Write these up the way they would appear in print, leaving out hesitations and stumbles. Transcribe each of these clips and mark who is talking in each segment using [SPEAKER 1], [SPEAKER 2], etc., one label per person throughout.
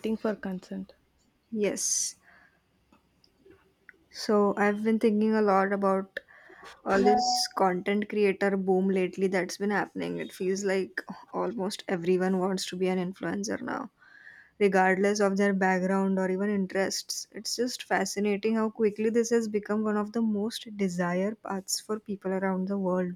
[SPEAKER 1] Waiting for consent.
[SPEAKER 2] Yes. So I've been thinking a lot about all this content creator boom lately that's been happening. It feels like almost everyone wants to be an influencer now, regardless of their background or even interests. It's just fascinating how quickly this has become one of the most desired paths for people around the world.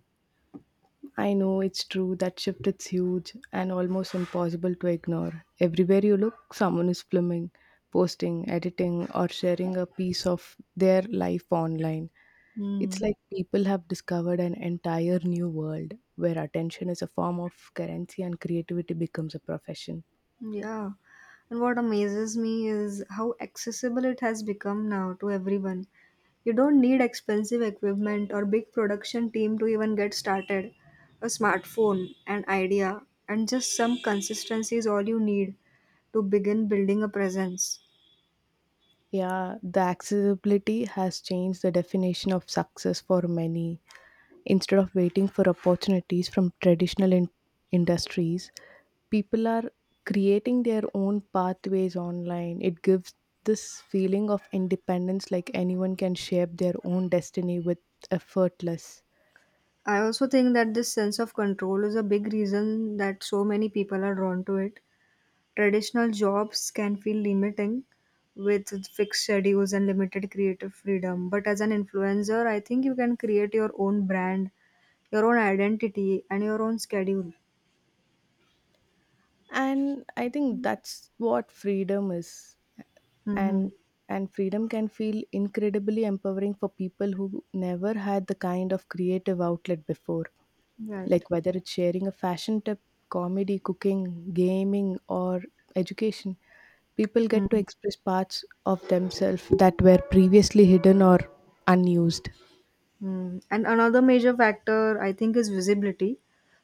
[SPEAKER 1] I know it's true that shift is huge and almost impossible to ignore. Everywhere you look, someone is filming, posting, editing, or sharing a piece of their life online. It's
[SPEAKER 2] Hmm.
[SPEAKER 1] like people have discovered an entire new world where attention is a form of currency and creativity becomes a profession.
[SPEAKER 2] Yeah. And what amazes me is how accessible it has become now to everyone. You don't need expensive equipment or big production team to even get started. A smartphone, an idea, and just some consistency is all you need to begin building a presence.
[SPEAKER 1] Yeah, the accessibility has changed the definition of success for many. Instead of waiting for opportunities from traditional industries, people are creating their own pathways online. It gives this feeling of independence, like anyone can shape their own destiny with effortless.
[SPEAKER 2] I also think that this sense of control is a big reason that so many people are drawn to it. Traditional jobs can feel limiting with fixed schedules and limited creative freedom. But as an influencer, I think you can create your own brand, your own identity, and your own schedule.
[SPEAKER 1] And I think that's what freedom is,
[SPEAKER 2] Mm-hmm.
[SPEAKER 1] and and freedom can feel incredibly empowering for people who never had the kind of creative outlet before,
[SPEAKER 2] Right.
[SPEAKER 1] like whether it's sharing a fashion tip, comedy, cooking, gaming, or education, people get to
[SPEAKER 2] Mhm.
[SPEAKER 1] express parts of themselves that were previously hidden or unused.
[SPEAKER 2] Mm. And another major factor, I think, is visibility.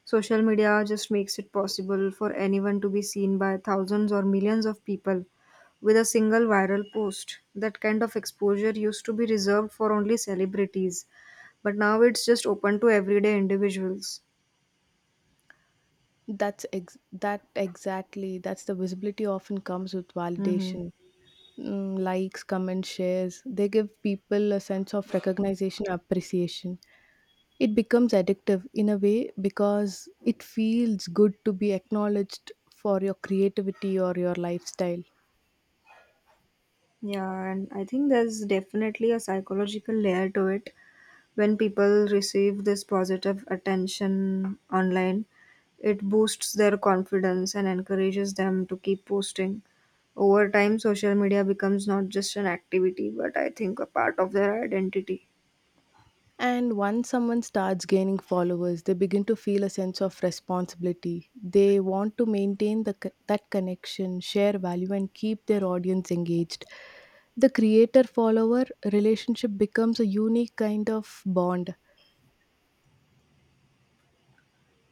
[SPEAKER 2] Social media just makes it possible for anyone to be seen by thousands or millions of people with a single viral post. That kind of exposure used to be reserved for only celebrities, but now it's just open to everyday individuals.
[SPEAKER 1] That exactly, that's the visibility, often comes with
[SPEAKER 2] Hmm
[SPEAKER 1] validation. Likes, comments, shares. They give people a sense of recognition, appreciation. It becomes addictive in a way because it feels good to be acknowledged for your creativity or your lifestyle.
[SPEAKER 2] Yeah, and I think there's definitely a psychological layer to it. When people receive this positive attention online, it boosts their confidence and encourages them to keep posting. Over time, social media becomes not just an activity, but I think a part of their identity.
[SPEAKER 1] And once someone starts gaining followers, they begin to feel a sense of responsibility. They want to maintain that connection, share value, and keep their audience engaged. The creator follower relationship becomes a unique kind of bond.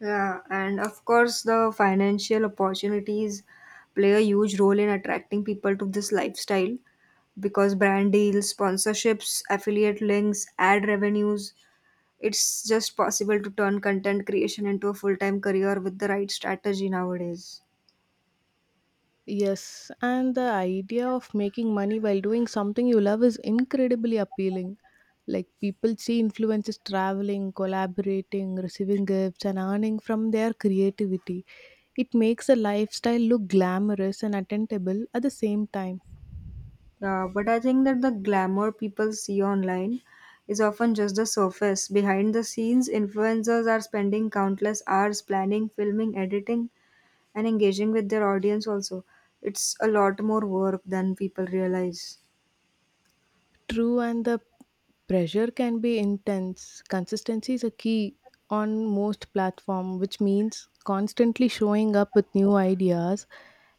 [SPEAKER 2] Yeah, and of course, the financial opportunities play a huge role in attracting people to this lifestyle because brand deals, sponsorships, affiliate links, ad revenues, it's just possible to turn content creation into a full-time career with the right strategy nowadays.
[SPEAKER 1] Yes, and the idea of making money while doing something you love is incredibly appealing. Like, people see influencers traveling, collaborating, receiving gifts, and earning from their creativity. It makes a lifestyle look glamorous and attainable at the same time.
[SPEAKER 2] Yeah, but I think that the glamour people see online is often just the surface. Behind the scenes, influencers are spending countless hours planning, filming, editing, and engaging with their audience also. It's a lot more work than people realize.
[SPEAKER 1] True, and the pressure can be intense. Consistency is a key on most platform, which means constantly showing up with new ideas.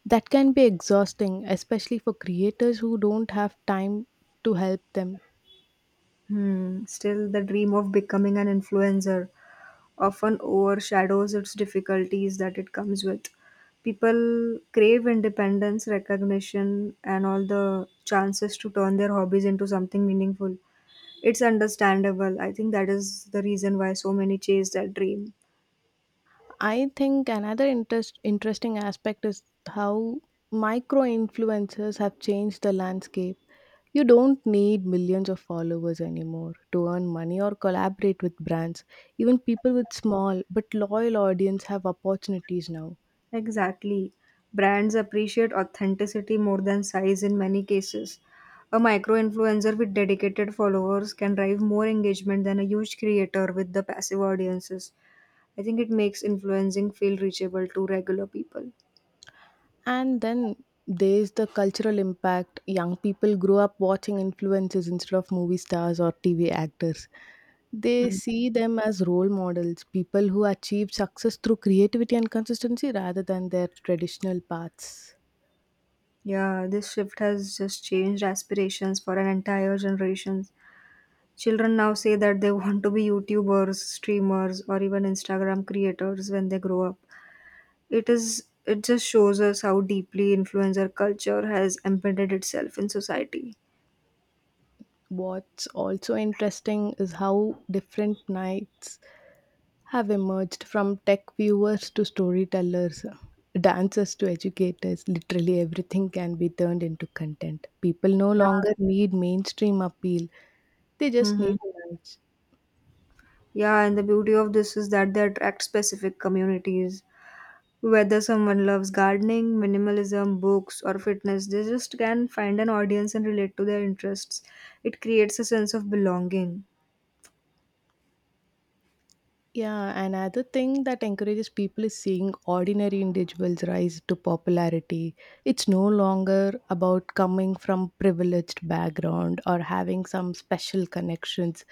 [SPEAKER 1] That can be exhausting, especially for creators who don't have time to help them.
[SPEAKER 2] Hmm. Still, the dream of becoming an influencer often overshadows its difficulties that it comes with. People crave independence, recognition, and all the chances to turn their hobbies into something meaningful. It's understandable. I think that is the reason why so many chase that dream.
[SPEAKER 1] I think another interesting aspect is how micro influencers have changed the landscape. You don't need millions of followers anymore to earn money or collaborate with brands. Even people with small but loyal audience have opportunities now.
[SPEAKER 2] Exactly. Brands appreciate authenticity more than size in many cases. A micro influencer with dedicated followers can drive more engagement than a huge creator with the passive audiences. I think it makes influencing feel reachable to regular people.
[SPEAKER 1] And then there's the cultural impact. Young people grow up watching influencers instead of movie stars or TV actors. They see them as role models, people who achieve success through creativity and consistency rather than their traditional paths.
[SPEAKER 2] Yeah, this shift has just changed aspirations for an entire generation. Children now say that they want to be YouTubers, streamers, or even Instagram creators when they grow up. It just shows us how deeply influencer culture has embedded itself in society.
[SPEAKER 1] What's also interesting is how different nights have emerged, from tech viewers to storytellers, dancers to educators. Literally everything can be turned into content. People no
[SPEAKER 2] Yeah.
[SPEAKER 1] longer need mainstream appeal, they just
[SPEAKER 2] hmm
[SPEAKER 1] need the noise.
[SPEAKER 2] Yeah, and the beauty of this is that they attract specific communities. Whether someone loves gardening, minimalism, books, or fitness, they just can find an audience and relate to their interests. It creates a sense of belonging.
[SPEAKER 1] Yeah, another thing that encourages people is seeing ordinary individuals rise to popularity. It's no longer about coming from privileged background or having some special connections.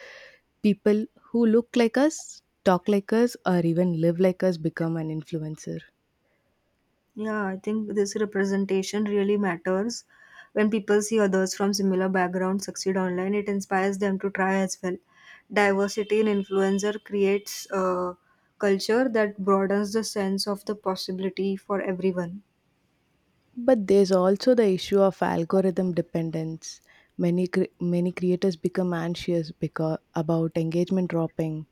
[SPEAKER 1] People who look like us, talk like us, or even live like us become an influencer.
[SPEAKER 2] Yeah, I think this representation really matters. When people see others from similar backgrounds succeed online, it inspires them to try as well. Diversity in influencer creates a culture that broadens the sense of the possibility for everyone.
[SPEAKER 1] But there's also the issue of algorithm dependence. Many creators become anxious because about engagement dropping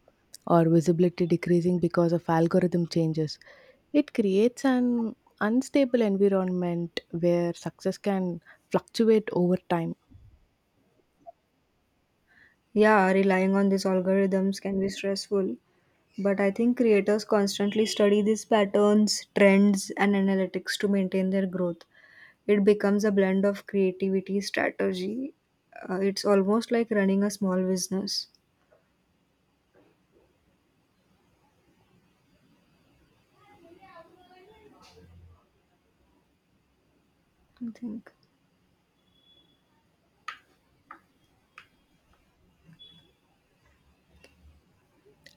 [SPEAKER 1] or visibility decreasing because of algorithm changes. It creates an unstable environment where success can fluctuate over time.
[SPEAKER 2] Yeah, relying on these algorithms can be stressful, but I think creators constantly study these patterns, trends, and analytics to maintain their growth. It becomes a blend of creativity, strategy. It's almost like running a small business, I think.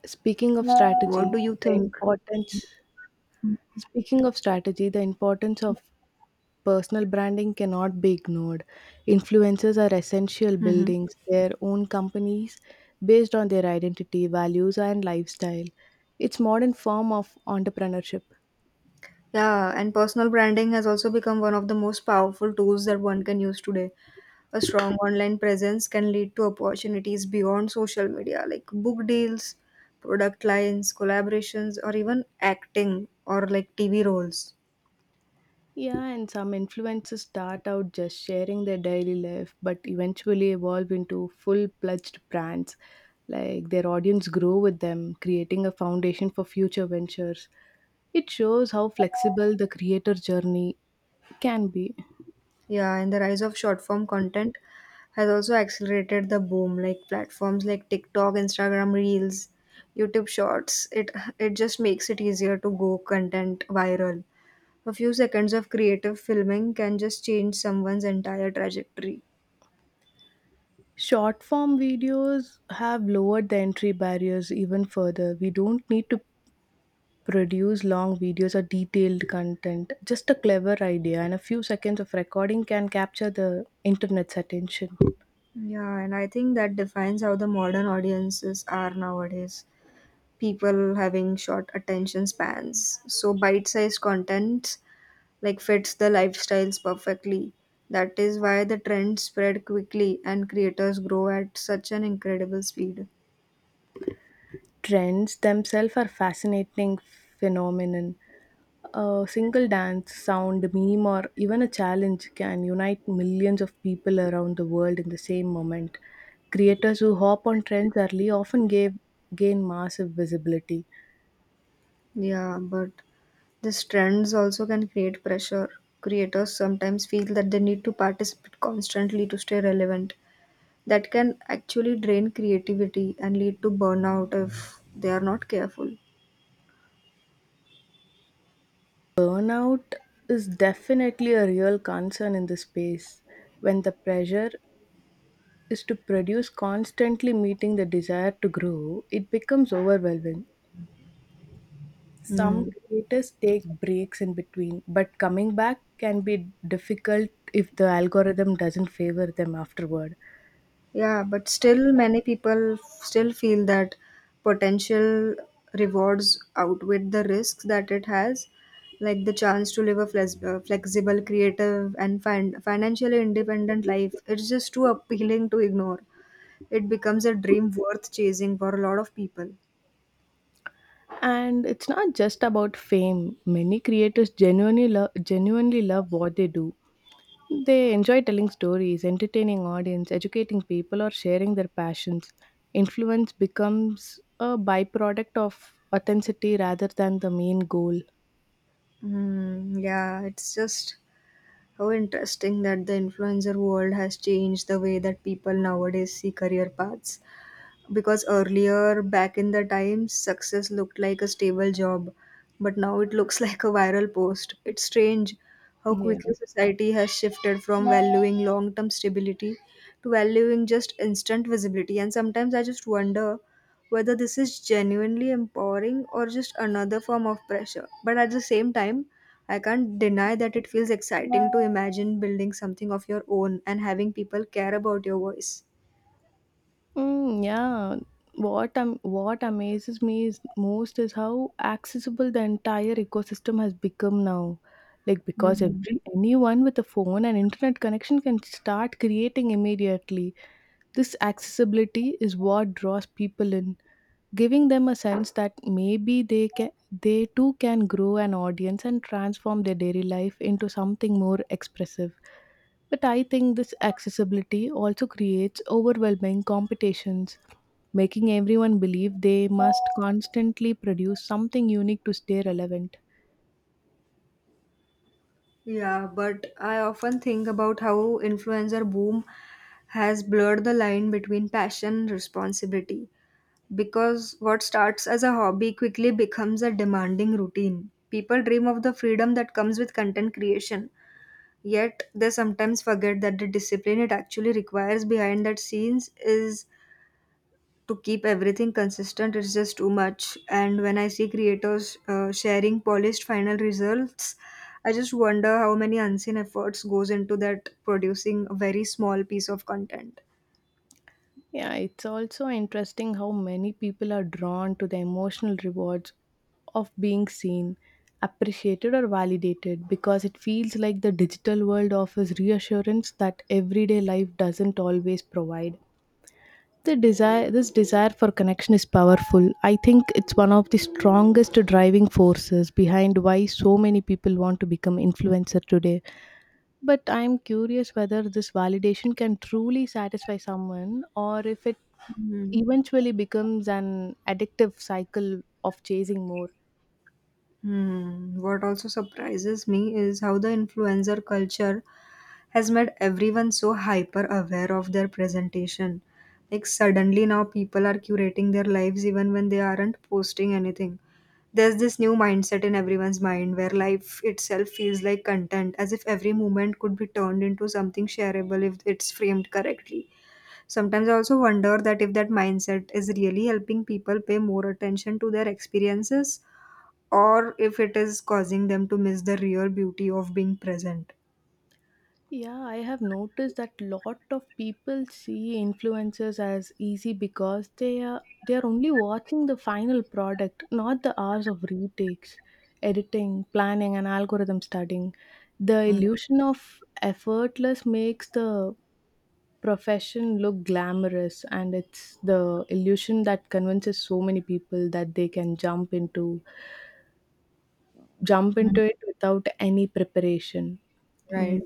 [SPEAKER 1] Speaking of
[SPEAKER 2] What
[SPEAKER 1] strategy,
[SPEAKER 2] do you
[SPEAKER 1] the
[SPEAKER 2] think?
[SPEAKER 1] importance Speaking of strategy, the importance of personal branding cannot be ignored. Influencers are essential
[SPEAKER 2] Hmm
[SPEAKER 1] building their own companies based on their identity, values, and lifestyle. It's modern form of entrepreneurship.
[SPEAKER 2] Yeah, and personal branding has also become one of the most powerful tools that one can use today. A strong online presence can lead to opportunities beyond social media, like book deals, product lines, collaborations, or even acting or like TV roles.
[SPEAKER 1] Yeah, and some influencers start out just sharing their daily life, but eventually evolve into full-fledged brands. Like, their audience grow with them, creating a foundation for future ventures. It shows how flexible the creator journey can be.
[SPEAKER 2] Yeah, and the rise of short form content has also accelerated the boom. Like platforms like TikTok, Instagram Reels, YouTube Shorts. It just makes it easier to go content viral. A few seconds of creative filming can just change someone's entire trajectory.
[SPEAKER 1] Short form videos have lowered the entry barriers even further. We don't need to produce long videos or detailed content. Just a clever idea and a few seconds of recording can capture the internet's attention.
[SPEAKER 2] Yeah, and I think that defines how the modern audiences are nowadays. People having short attention spans. So bite-sized content like fits the lifestyles perfectly. That is why the trends spread quickly and creators grow at such an incredible speed.
[SPEAKER 1] Trends themselves are fascinating phenomenon. A single dance, sound, meme, or even a challenge can unite millions of people around the world in the same moment. Creators who hop on trends early often gain massive visibility.
[SPEAKER 2] Yeah, but these trends also can create pressure. Creators sometimes feel that they need to participate constantly to stay relevant. That can actually drain creativity and lead to burnout if they are not careful.
[SPEAKER 1] Burnout is definitely a real concern in this space. When the pressure is to produce constantly meeting the desire to grow, it becomes overwhelming. Some
[SPEAKER 2] Hmm.
[SPEAKER 1] creators take breaks in between, but coming back can be difficult if the algorithm doesn't favor them afterward.
[SPEAKER 2] Yeah, but still many people still feel that potential rewards outweigh the risks that it has, like the chance to live a flexible, creative, and financially independent life. It's just too appealing to ignore. It becomes a dream worth chasing for a lot of people.
[SPEAKER 1] And it's not just about fame. Many creators genuinely love what they do. They enjoy telling stories, entertaining audience, educating people, or sharing their passions. Influence becomes a byproduct of authenticity rather than the main goal.
[SPEAKER 2] Mm, yeah, it's just how interesting that the influencer world has changed the way that people nowadays see career paths. Because earlier back in the time success looked like a stable job, but now it looks like a viral post. It's strange how quickly
[SPEAKER 1] Yeah.
[SPEAKER 2] society has shifted from valuing long term stability to valuing just instant visibility, and sometimes I just wonder whether this is genuinely empowering or just another form of pressure, but at the same time I can't deny that it feels exciting to imagine building something of your own and having people care about your voice.
[SPEAKER 1] Mm, yeah. What amazes me is most is how accessible the entire ecosystem has become now. Like, because
[SPEAKER 2] Mhm.
[SPEAKER 1] every anyone with a phone and internet connection can start creating immediately. This accessibility is what draws people in, giving them a sense that they too can grow an audience and transform their daily life into something more expressive. But I think this accessibility also creates overwhelming competitions, making everyone believe they must constantly produce something unique to stay relevant.
[SPEAKER 2] Yeah, but I often think about how influencer boom has blurred the line between passion and responsibility because what starts as a hobby quickly becomes a demanding routine. People dream of the freedom that comes with content creation, yet they sometimes forget that the discipline it actually requires behind that scenes is to keep everything consistent. It's just too much, and when I see creators sharing polished final results, I just wonder how many unseen efforts goes into that producing a very small piece of content.
[SPEAKER 1] Yeah, it's also interesting how many people are drawn to the emotional rewards of being seen, appreciated, or validated because it feels like the digital world offers reassurance that everyday life doesn't always provide. This desire for connection is powerful. I think it's one of the strongest driving forces behind why so many people want to become influencer today. But I'm curious whether this validation can truly satisfy someone or if it
[SPEAKER 2] Mhm.
[SPEAKER 1] eventually becomes an addictive cycle of chasing more.
[SPEAKER 2] Hmm. What also surprises me is how the influencer culture has made everyone so hyper aware of their presentation. Like, suddenly now people are curating their lives even when they aren't posting anything. There's this new mindset in everyone's mind where life itself feels like content, as if every moment could be turned into something shareable if it's framed correctly. Sometimes I also wonder that if that mindset is really helping people pay more attention to their experiences or if it is causing them to miss the real beauty of being present.
[SPEAKER 1] Yeah, I have noticed that lot of people see influencers as easy because they are only watching the final product, not the hours of retakes, editing, planning, and algorithm studying. The
[SPEAKER 2] Mm.
[SPEAKER 1] illusion of effortless makes the profession look glamorous, and it's the illusion that convinces so many people that they can jump
[SPEAKER 2] mm,
[SPEAKER 1] into it without any preparation. Mm.
[SPEAKER 2] Right.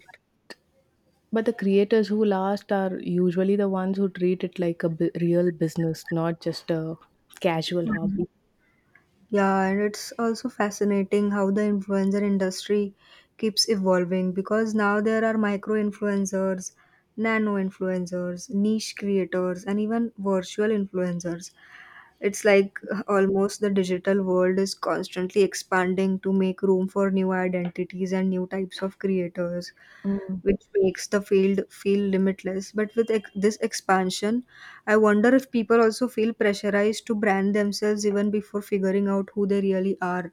[SPEAKER 1] But the creators who last are usually the ones who treat it like a real business, not just a casual hobby.
[SPEAKER 2] Yeah, and it's also fascinating how the influencer industry keeps evolving because now there are micro influencers, nano influencers, niche creators, and even virtual influencers. It's like almost the digital world is constantly expanding to make room for new identities and new types of creators,
[SPEAKER 1] Mm.
[SPEAKER 2] which makes the field feel limitless. But with this expansion, I wonder if people also feel pressurized to brand themselves even before figuring out who they really are.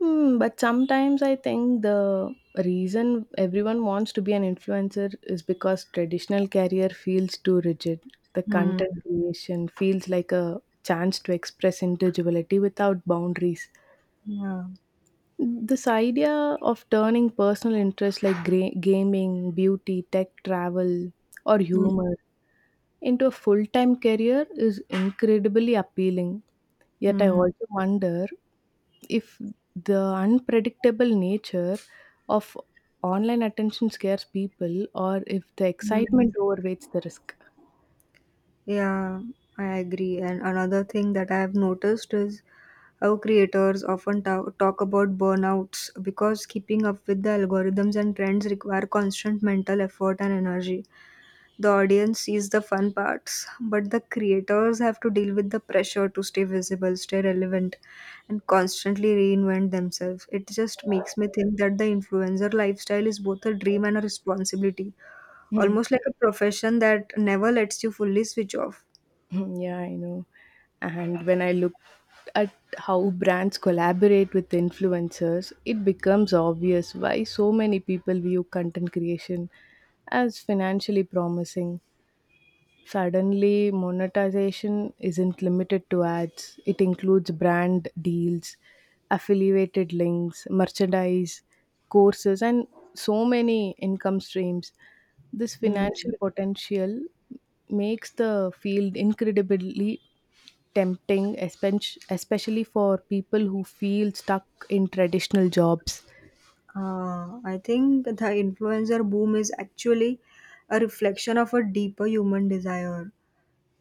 [SPEAKER 1] Hmm, but sometimes I think the reason everyone wants to be an influencer is because traditional career feels too rigid. The
[SPEAKER 2] Hmm.
[SPEAKER 1] content creation feels like a chance to express individuality without boundaries.
[SPEAKER 2] Yeah.
[SPEAKER 1] This idea of turning personal interests like gaming, beauty, tech, travel, or
[SPEAKER 2] Hmm.
[SPEAKER 1] humor into a full time career is incredibly appealing. Yet, I
[SPEAKER 2] Hmm.
[SPEAKER 1] also wonder if the unpredictable nature of online attention scares people or if the
[SPEAKER 2] Hmm.
[SPEAKER 1] excitement overweights the risk.
[SPEAKER 2] Yeah, I agree. And another thing that I have noticed is how creators often talk about burnouts because keeping up with the algorithms and trends require constant mental effort and energy. The audience sees the fun parts, but the creators have to deal with the pressure to stay visible, stay relevant, and constantly reinvent themselves. It just makes me think that the influencer lifestyle is both a dream and a responsibility, almost like a profession that never lets you fully switch off.
[SPEAKER 1] Yeah, I know. And when I look at how brands collaborate with influencers, it becomes obvious why so many people view content creation as financially promising. Suddenly, monetization isn't limited to ads, it includes brand deals, affiliated links, merchandise, courses, and so many income streams. This
[SPEAKER 2] Hmm.
[SPEAKER 1] financial potential makes the field incredibly tempting, especially for people who feel stuck in traditional jobs.
[SPEAKER 2] I think the influencer boom is actually a reflection of a deeper human desire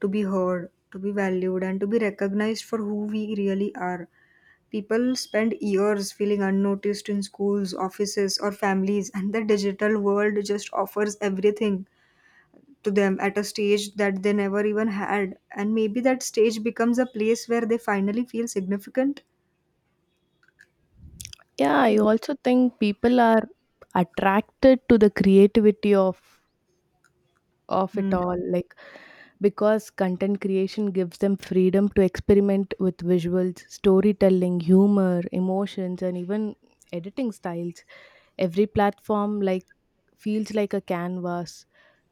[SPEAKER 2] to be heard, to be valued, and to be recognized for who we really are. People spend years feeling unnoticed in schools, offices, or families, and the digital world just offers everything to them at a stage that they never even had. And maybe that stage becomes a place where they finally feel significant.
[SPEAKER 1] Yeah, I also think people are attracted to the creativity of
[SPEAKER 2] Hmm.
[SPEAKER 1] it all, like because content creation gives them freedom to experiment with visuals, storytelling, humor, emotions, and even editing styles. Every platform like feels like a canvas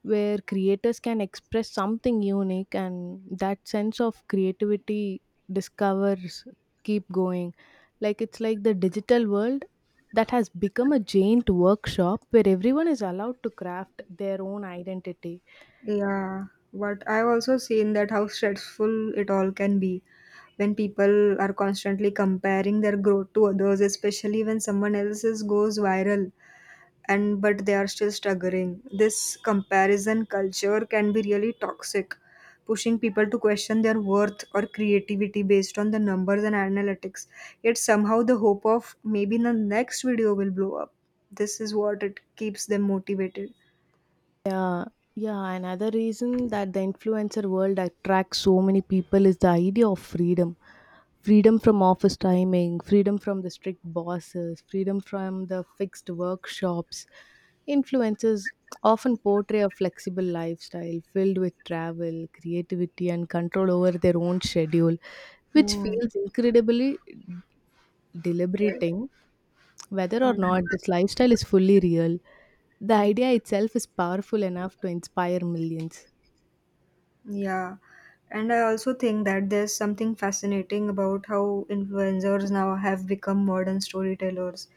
[SPEAKER 1] where creators can express something unique, and that sense of creativity discovers, keep going, like it's like the digital world that has become a giant workshop where everyone is allowed to craft their own identity.
[SPEAKER 2] Yeah, but I've also seen that how stressful it all can be when people are constantly comparing their growth to others, especially when someone else's goes viral and but they are still struggling. This comparison culture can be really toxic, pushing people to question their worth or creativity based on the numbers and analytics. Yet somehow the hope of maybe the next video will blow up. This is what it keeps them motivated.
[SPEAKER 1] Yeah, yeah. Another reason that the influencer world attracts so many people is the idea of freedom. Freedom from office timing, freedom from the strict bosses, freedom from the fixed workshops. Influencers often portray a flexible lifestyle filled with travel, creativity, and control over their own schedule, which
[SPEAKER 2] Hmm.
[SPEAKER 1] feels incredibly
[SPEAKER 2] Right.
[SPEAKER 1] deliberating whether or
[SPEAKER 2] Hmm.
[SPEAKER 1] not this lifestyle is fully real. The idea itself is powerful enough to inspire millions.
[SPEAKER 2] Yeah, and I also think that there's something fascinating about how influencers now have become modern storytellers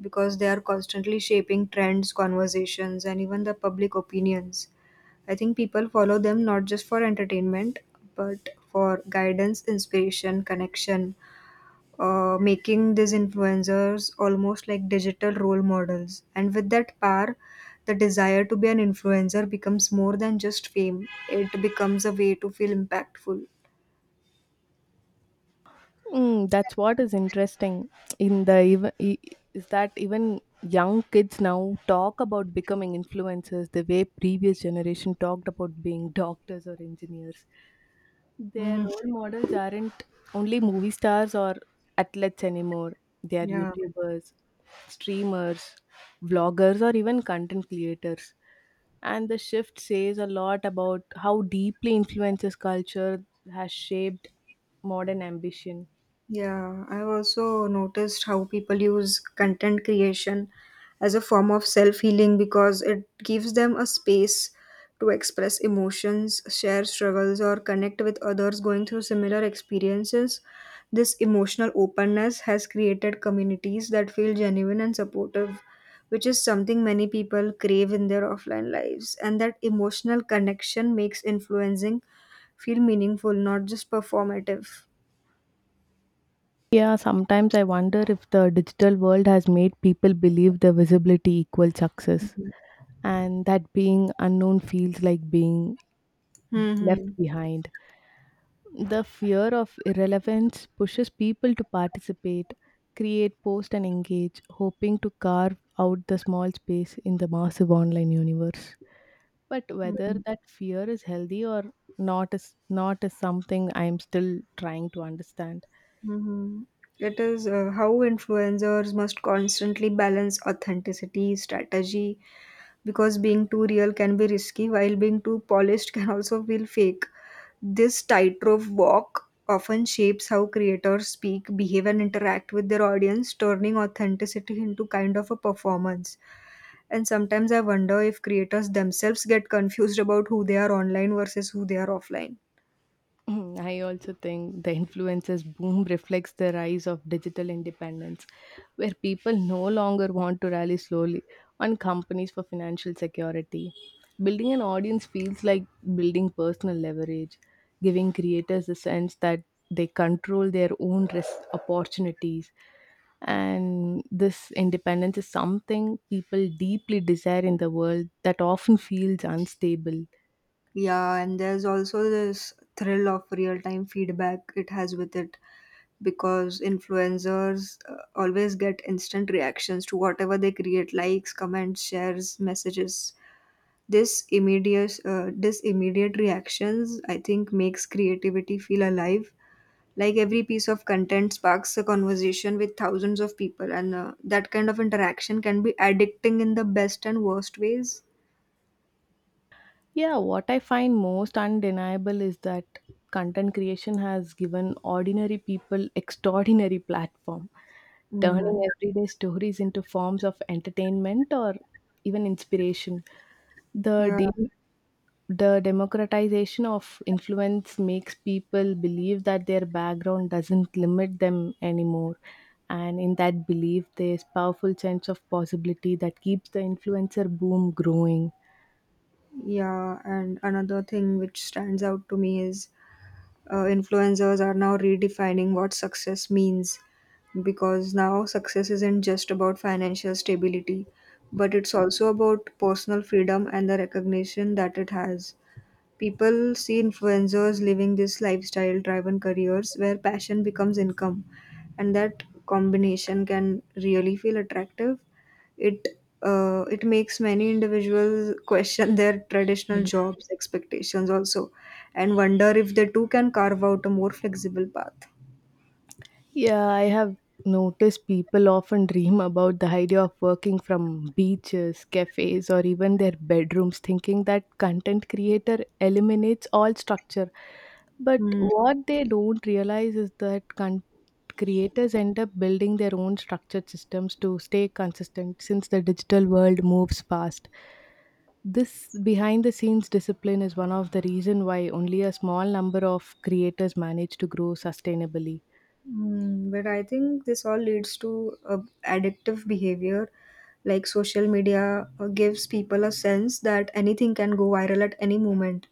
[SPEAKER 2] because they are constantly shaping trends, conversations, and even the public opinions. I think people follow them not just for entertainment, but for guidance, inspiration, connection, making these influencers almost like digital role models. And with that power, the desire to be an influencer becomes more than just fame, it becomes a way to feel impactful.
[SPEAKER 1] Mm, that's what is interesting in the even I- is that even young kids now talk about becoming influencers the way previous generation talked about being doctors or engineers. Their
[SPEAKER 2] Hmm
[SPEAKER 1] role models aren't only movie stars or athletes anymore. They are
[SPEAKER 2] Yeah.
[SPEAKER 1] YouTubers, streamers, vloggers, or even content creators. And the shift says a lot about how deeply influences culture has shaped modern ambition.
[SPEAKER 2] Yeah, I've also noticed how people use content creation as a form of self healing because it gives them a space to express emotions, share struggles, or connect with others going through similar experiences. This emotional openness has created communities that feel genuine and supportive, which is something many people crave in their offline lives. And that emotional connection makes influencing feel meaningful, not just performative.
[SPEAKER 1] Yeah, sometimes I wonder if the digital world has made people believe the visibility equals success and that being unknown feels like being left
[SPEAKER 2] Hmm
[SPEAKER 1] behind. The fear of irrelevance pushes people to participate, create, post, and engage, hoping to carve out the small space in the massive online universe. But whether
[SPEAKER 2] Mhm.
[SPEAKER 1] that fear is healthy or not is something I am still trying to understand.
[SPEAKER 2] Mhm. It is how influencers must constantly balance authenticity, strategy, because being too real can be risky, while being too polished can also feel fake. This tightrope walk often shapes how creators speak, behave, and interact with their audience, turning authenticity into kind of a performance. And sometimes I wonder if creators themselves get confused about who they are online versus who they are offline.
[SPEAKER 1] Mm, I also think the influencers boom reflects the rise of digital independence, where people no longer want to rely slowly on companies for financial security. Building an audience feels like building personal leverage, giving creators a sense that they control their own risk opportunities. And this independence is something people deeply desire in the world that often feels unstable.
[SPEAKER 2] Yeah, and there's also this thrill of real time feedback it has with it because influencers always get instant reactions to whatever they create likes, comments, shares, messages. This immediate reactions I think makes creativity feel alive. Like every piece of content sparks a conversation with thousands of people and that kind of interaction can be addicting in the best and worst ways.
[SPEAKER 1] Yeah, what I find most undeniable is that content creation has given ordinary people extraordinary platform, turning
[SPEAKER 2] Mm.
[SPEAKER 1] everyday stories into forms of entertainment or even inspiration. The
[SPEAKER 2] Yeah.
[SPEAKER 1] de- the democratization of influence makes people believe that their background doesn't limit them anymore. And in that belief, there's powerful sense of possibility that keeps the influencer boom growing.
[SPEAKER 2] Yeah, and another thing which stands out to me is influencers are now redefining what success means because now success isn't just about financial stability, but it's also about personal freedom and the recognition that it has. People see influencers living this lifestyle driven careers where passion becomes income, and that combination can really feel attractive. It it makes many individuals question their traditional jobs expectations also and wonder if they too can carve out a more flexible path.
[SPEAKER 1] Yeah, I have noticed people often dream about the idea of working from beaches, cafes, or even their bedrooms, thinking that content creator eliminates all structure. But
[SPEAKER 2] Hmm.
[SPEAKER 1] what they don't realize is that creators end up building their own structured systems to stay consistent since the digital world moves fast. This behind the scenes discipline is one of the reason why only a small number of creators manage to grow sustainably.
[SPEAKER 2] Mm, but I think this all leads to addictive behavior. Like social media gives people a sense that anything can go viral at any moment.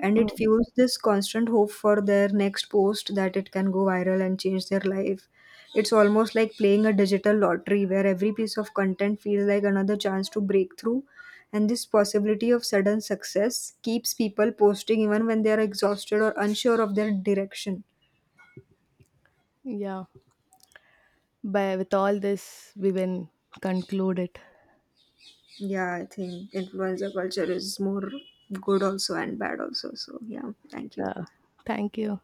[SPEAKER 2] And it fuels this constant hope for their next post that it can go viral and change their life. It's almost like playing a digital lottery where every piece of content feels like another chance to break through. And this possibility of sudden success keeps people posting even when they are exhausted or unsure of their direction.
[SPEAKER 1] Yeah. By with all this, we will conclude it.
[SPEAKER 2] Yeah, I think influencer culture is more good also and bad also. So, yeah, thank you.
[SPEAKER 1] Yeah. Thank you.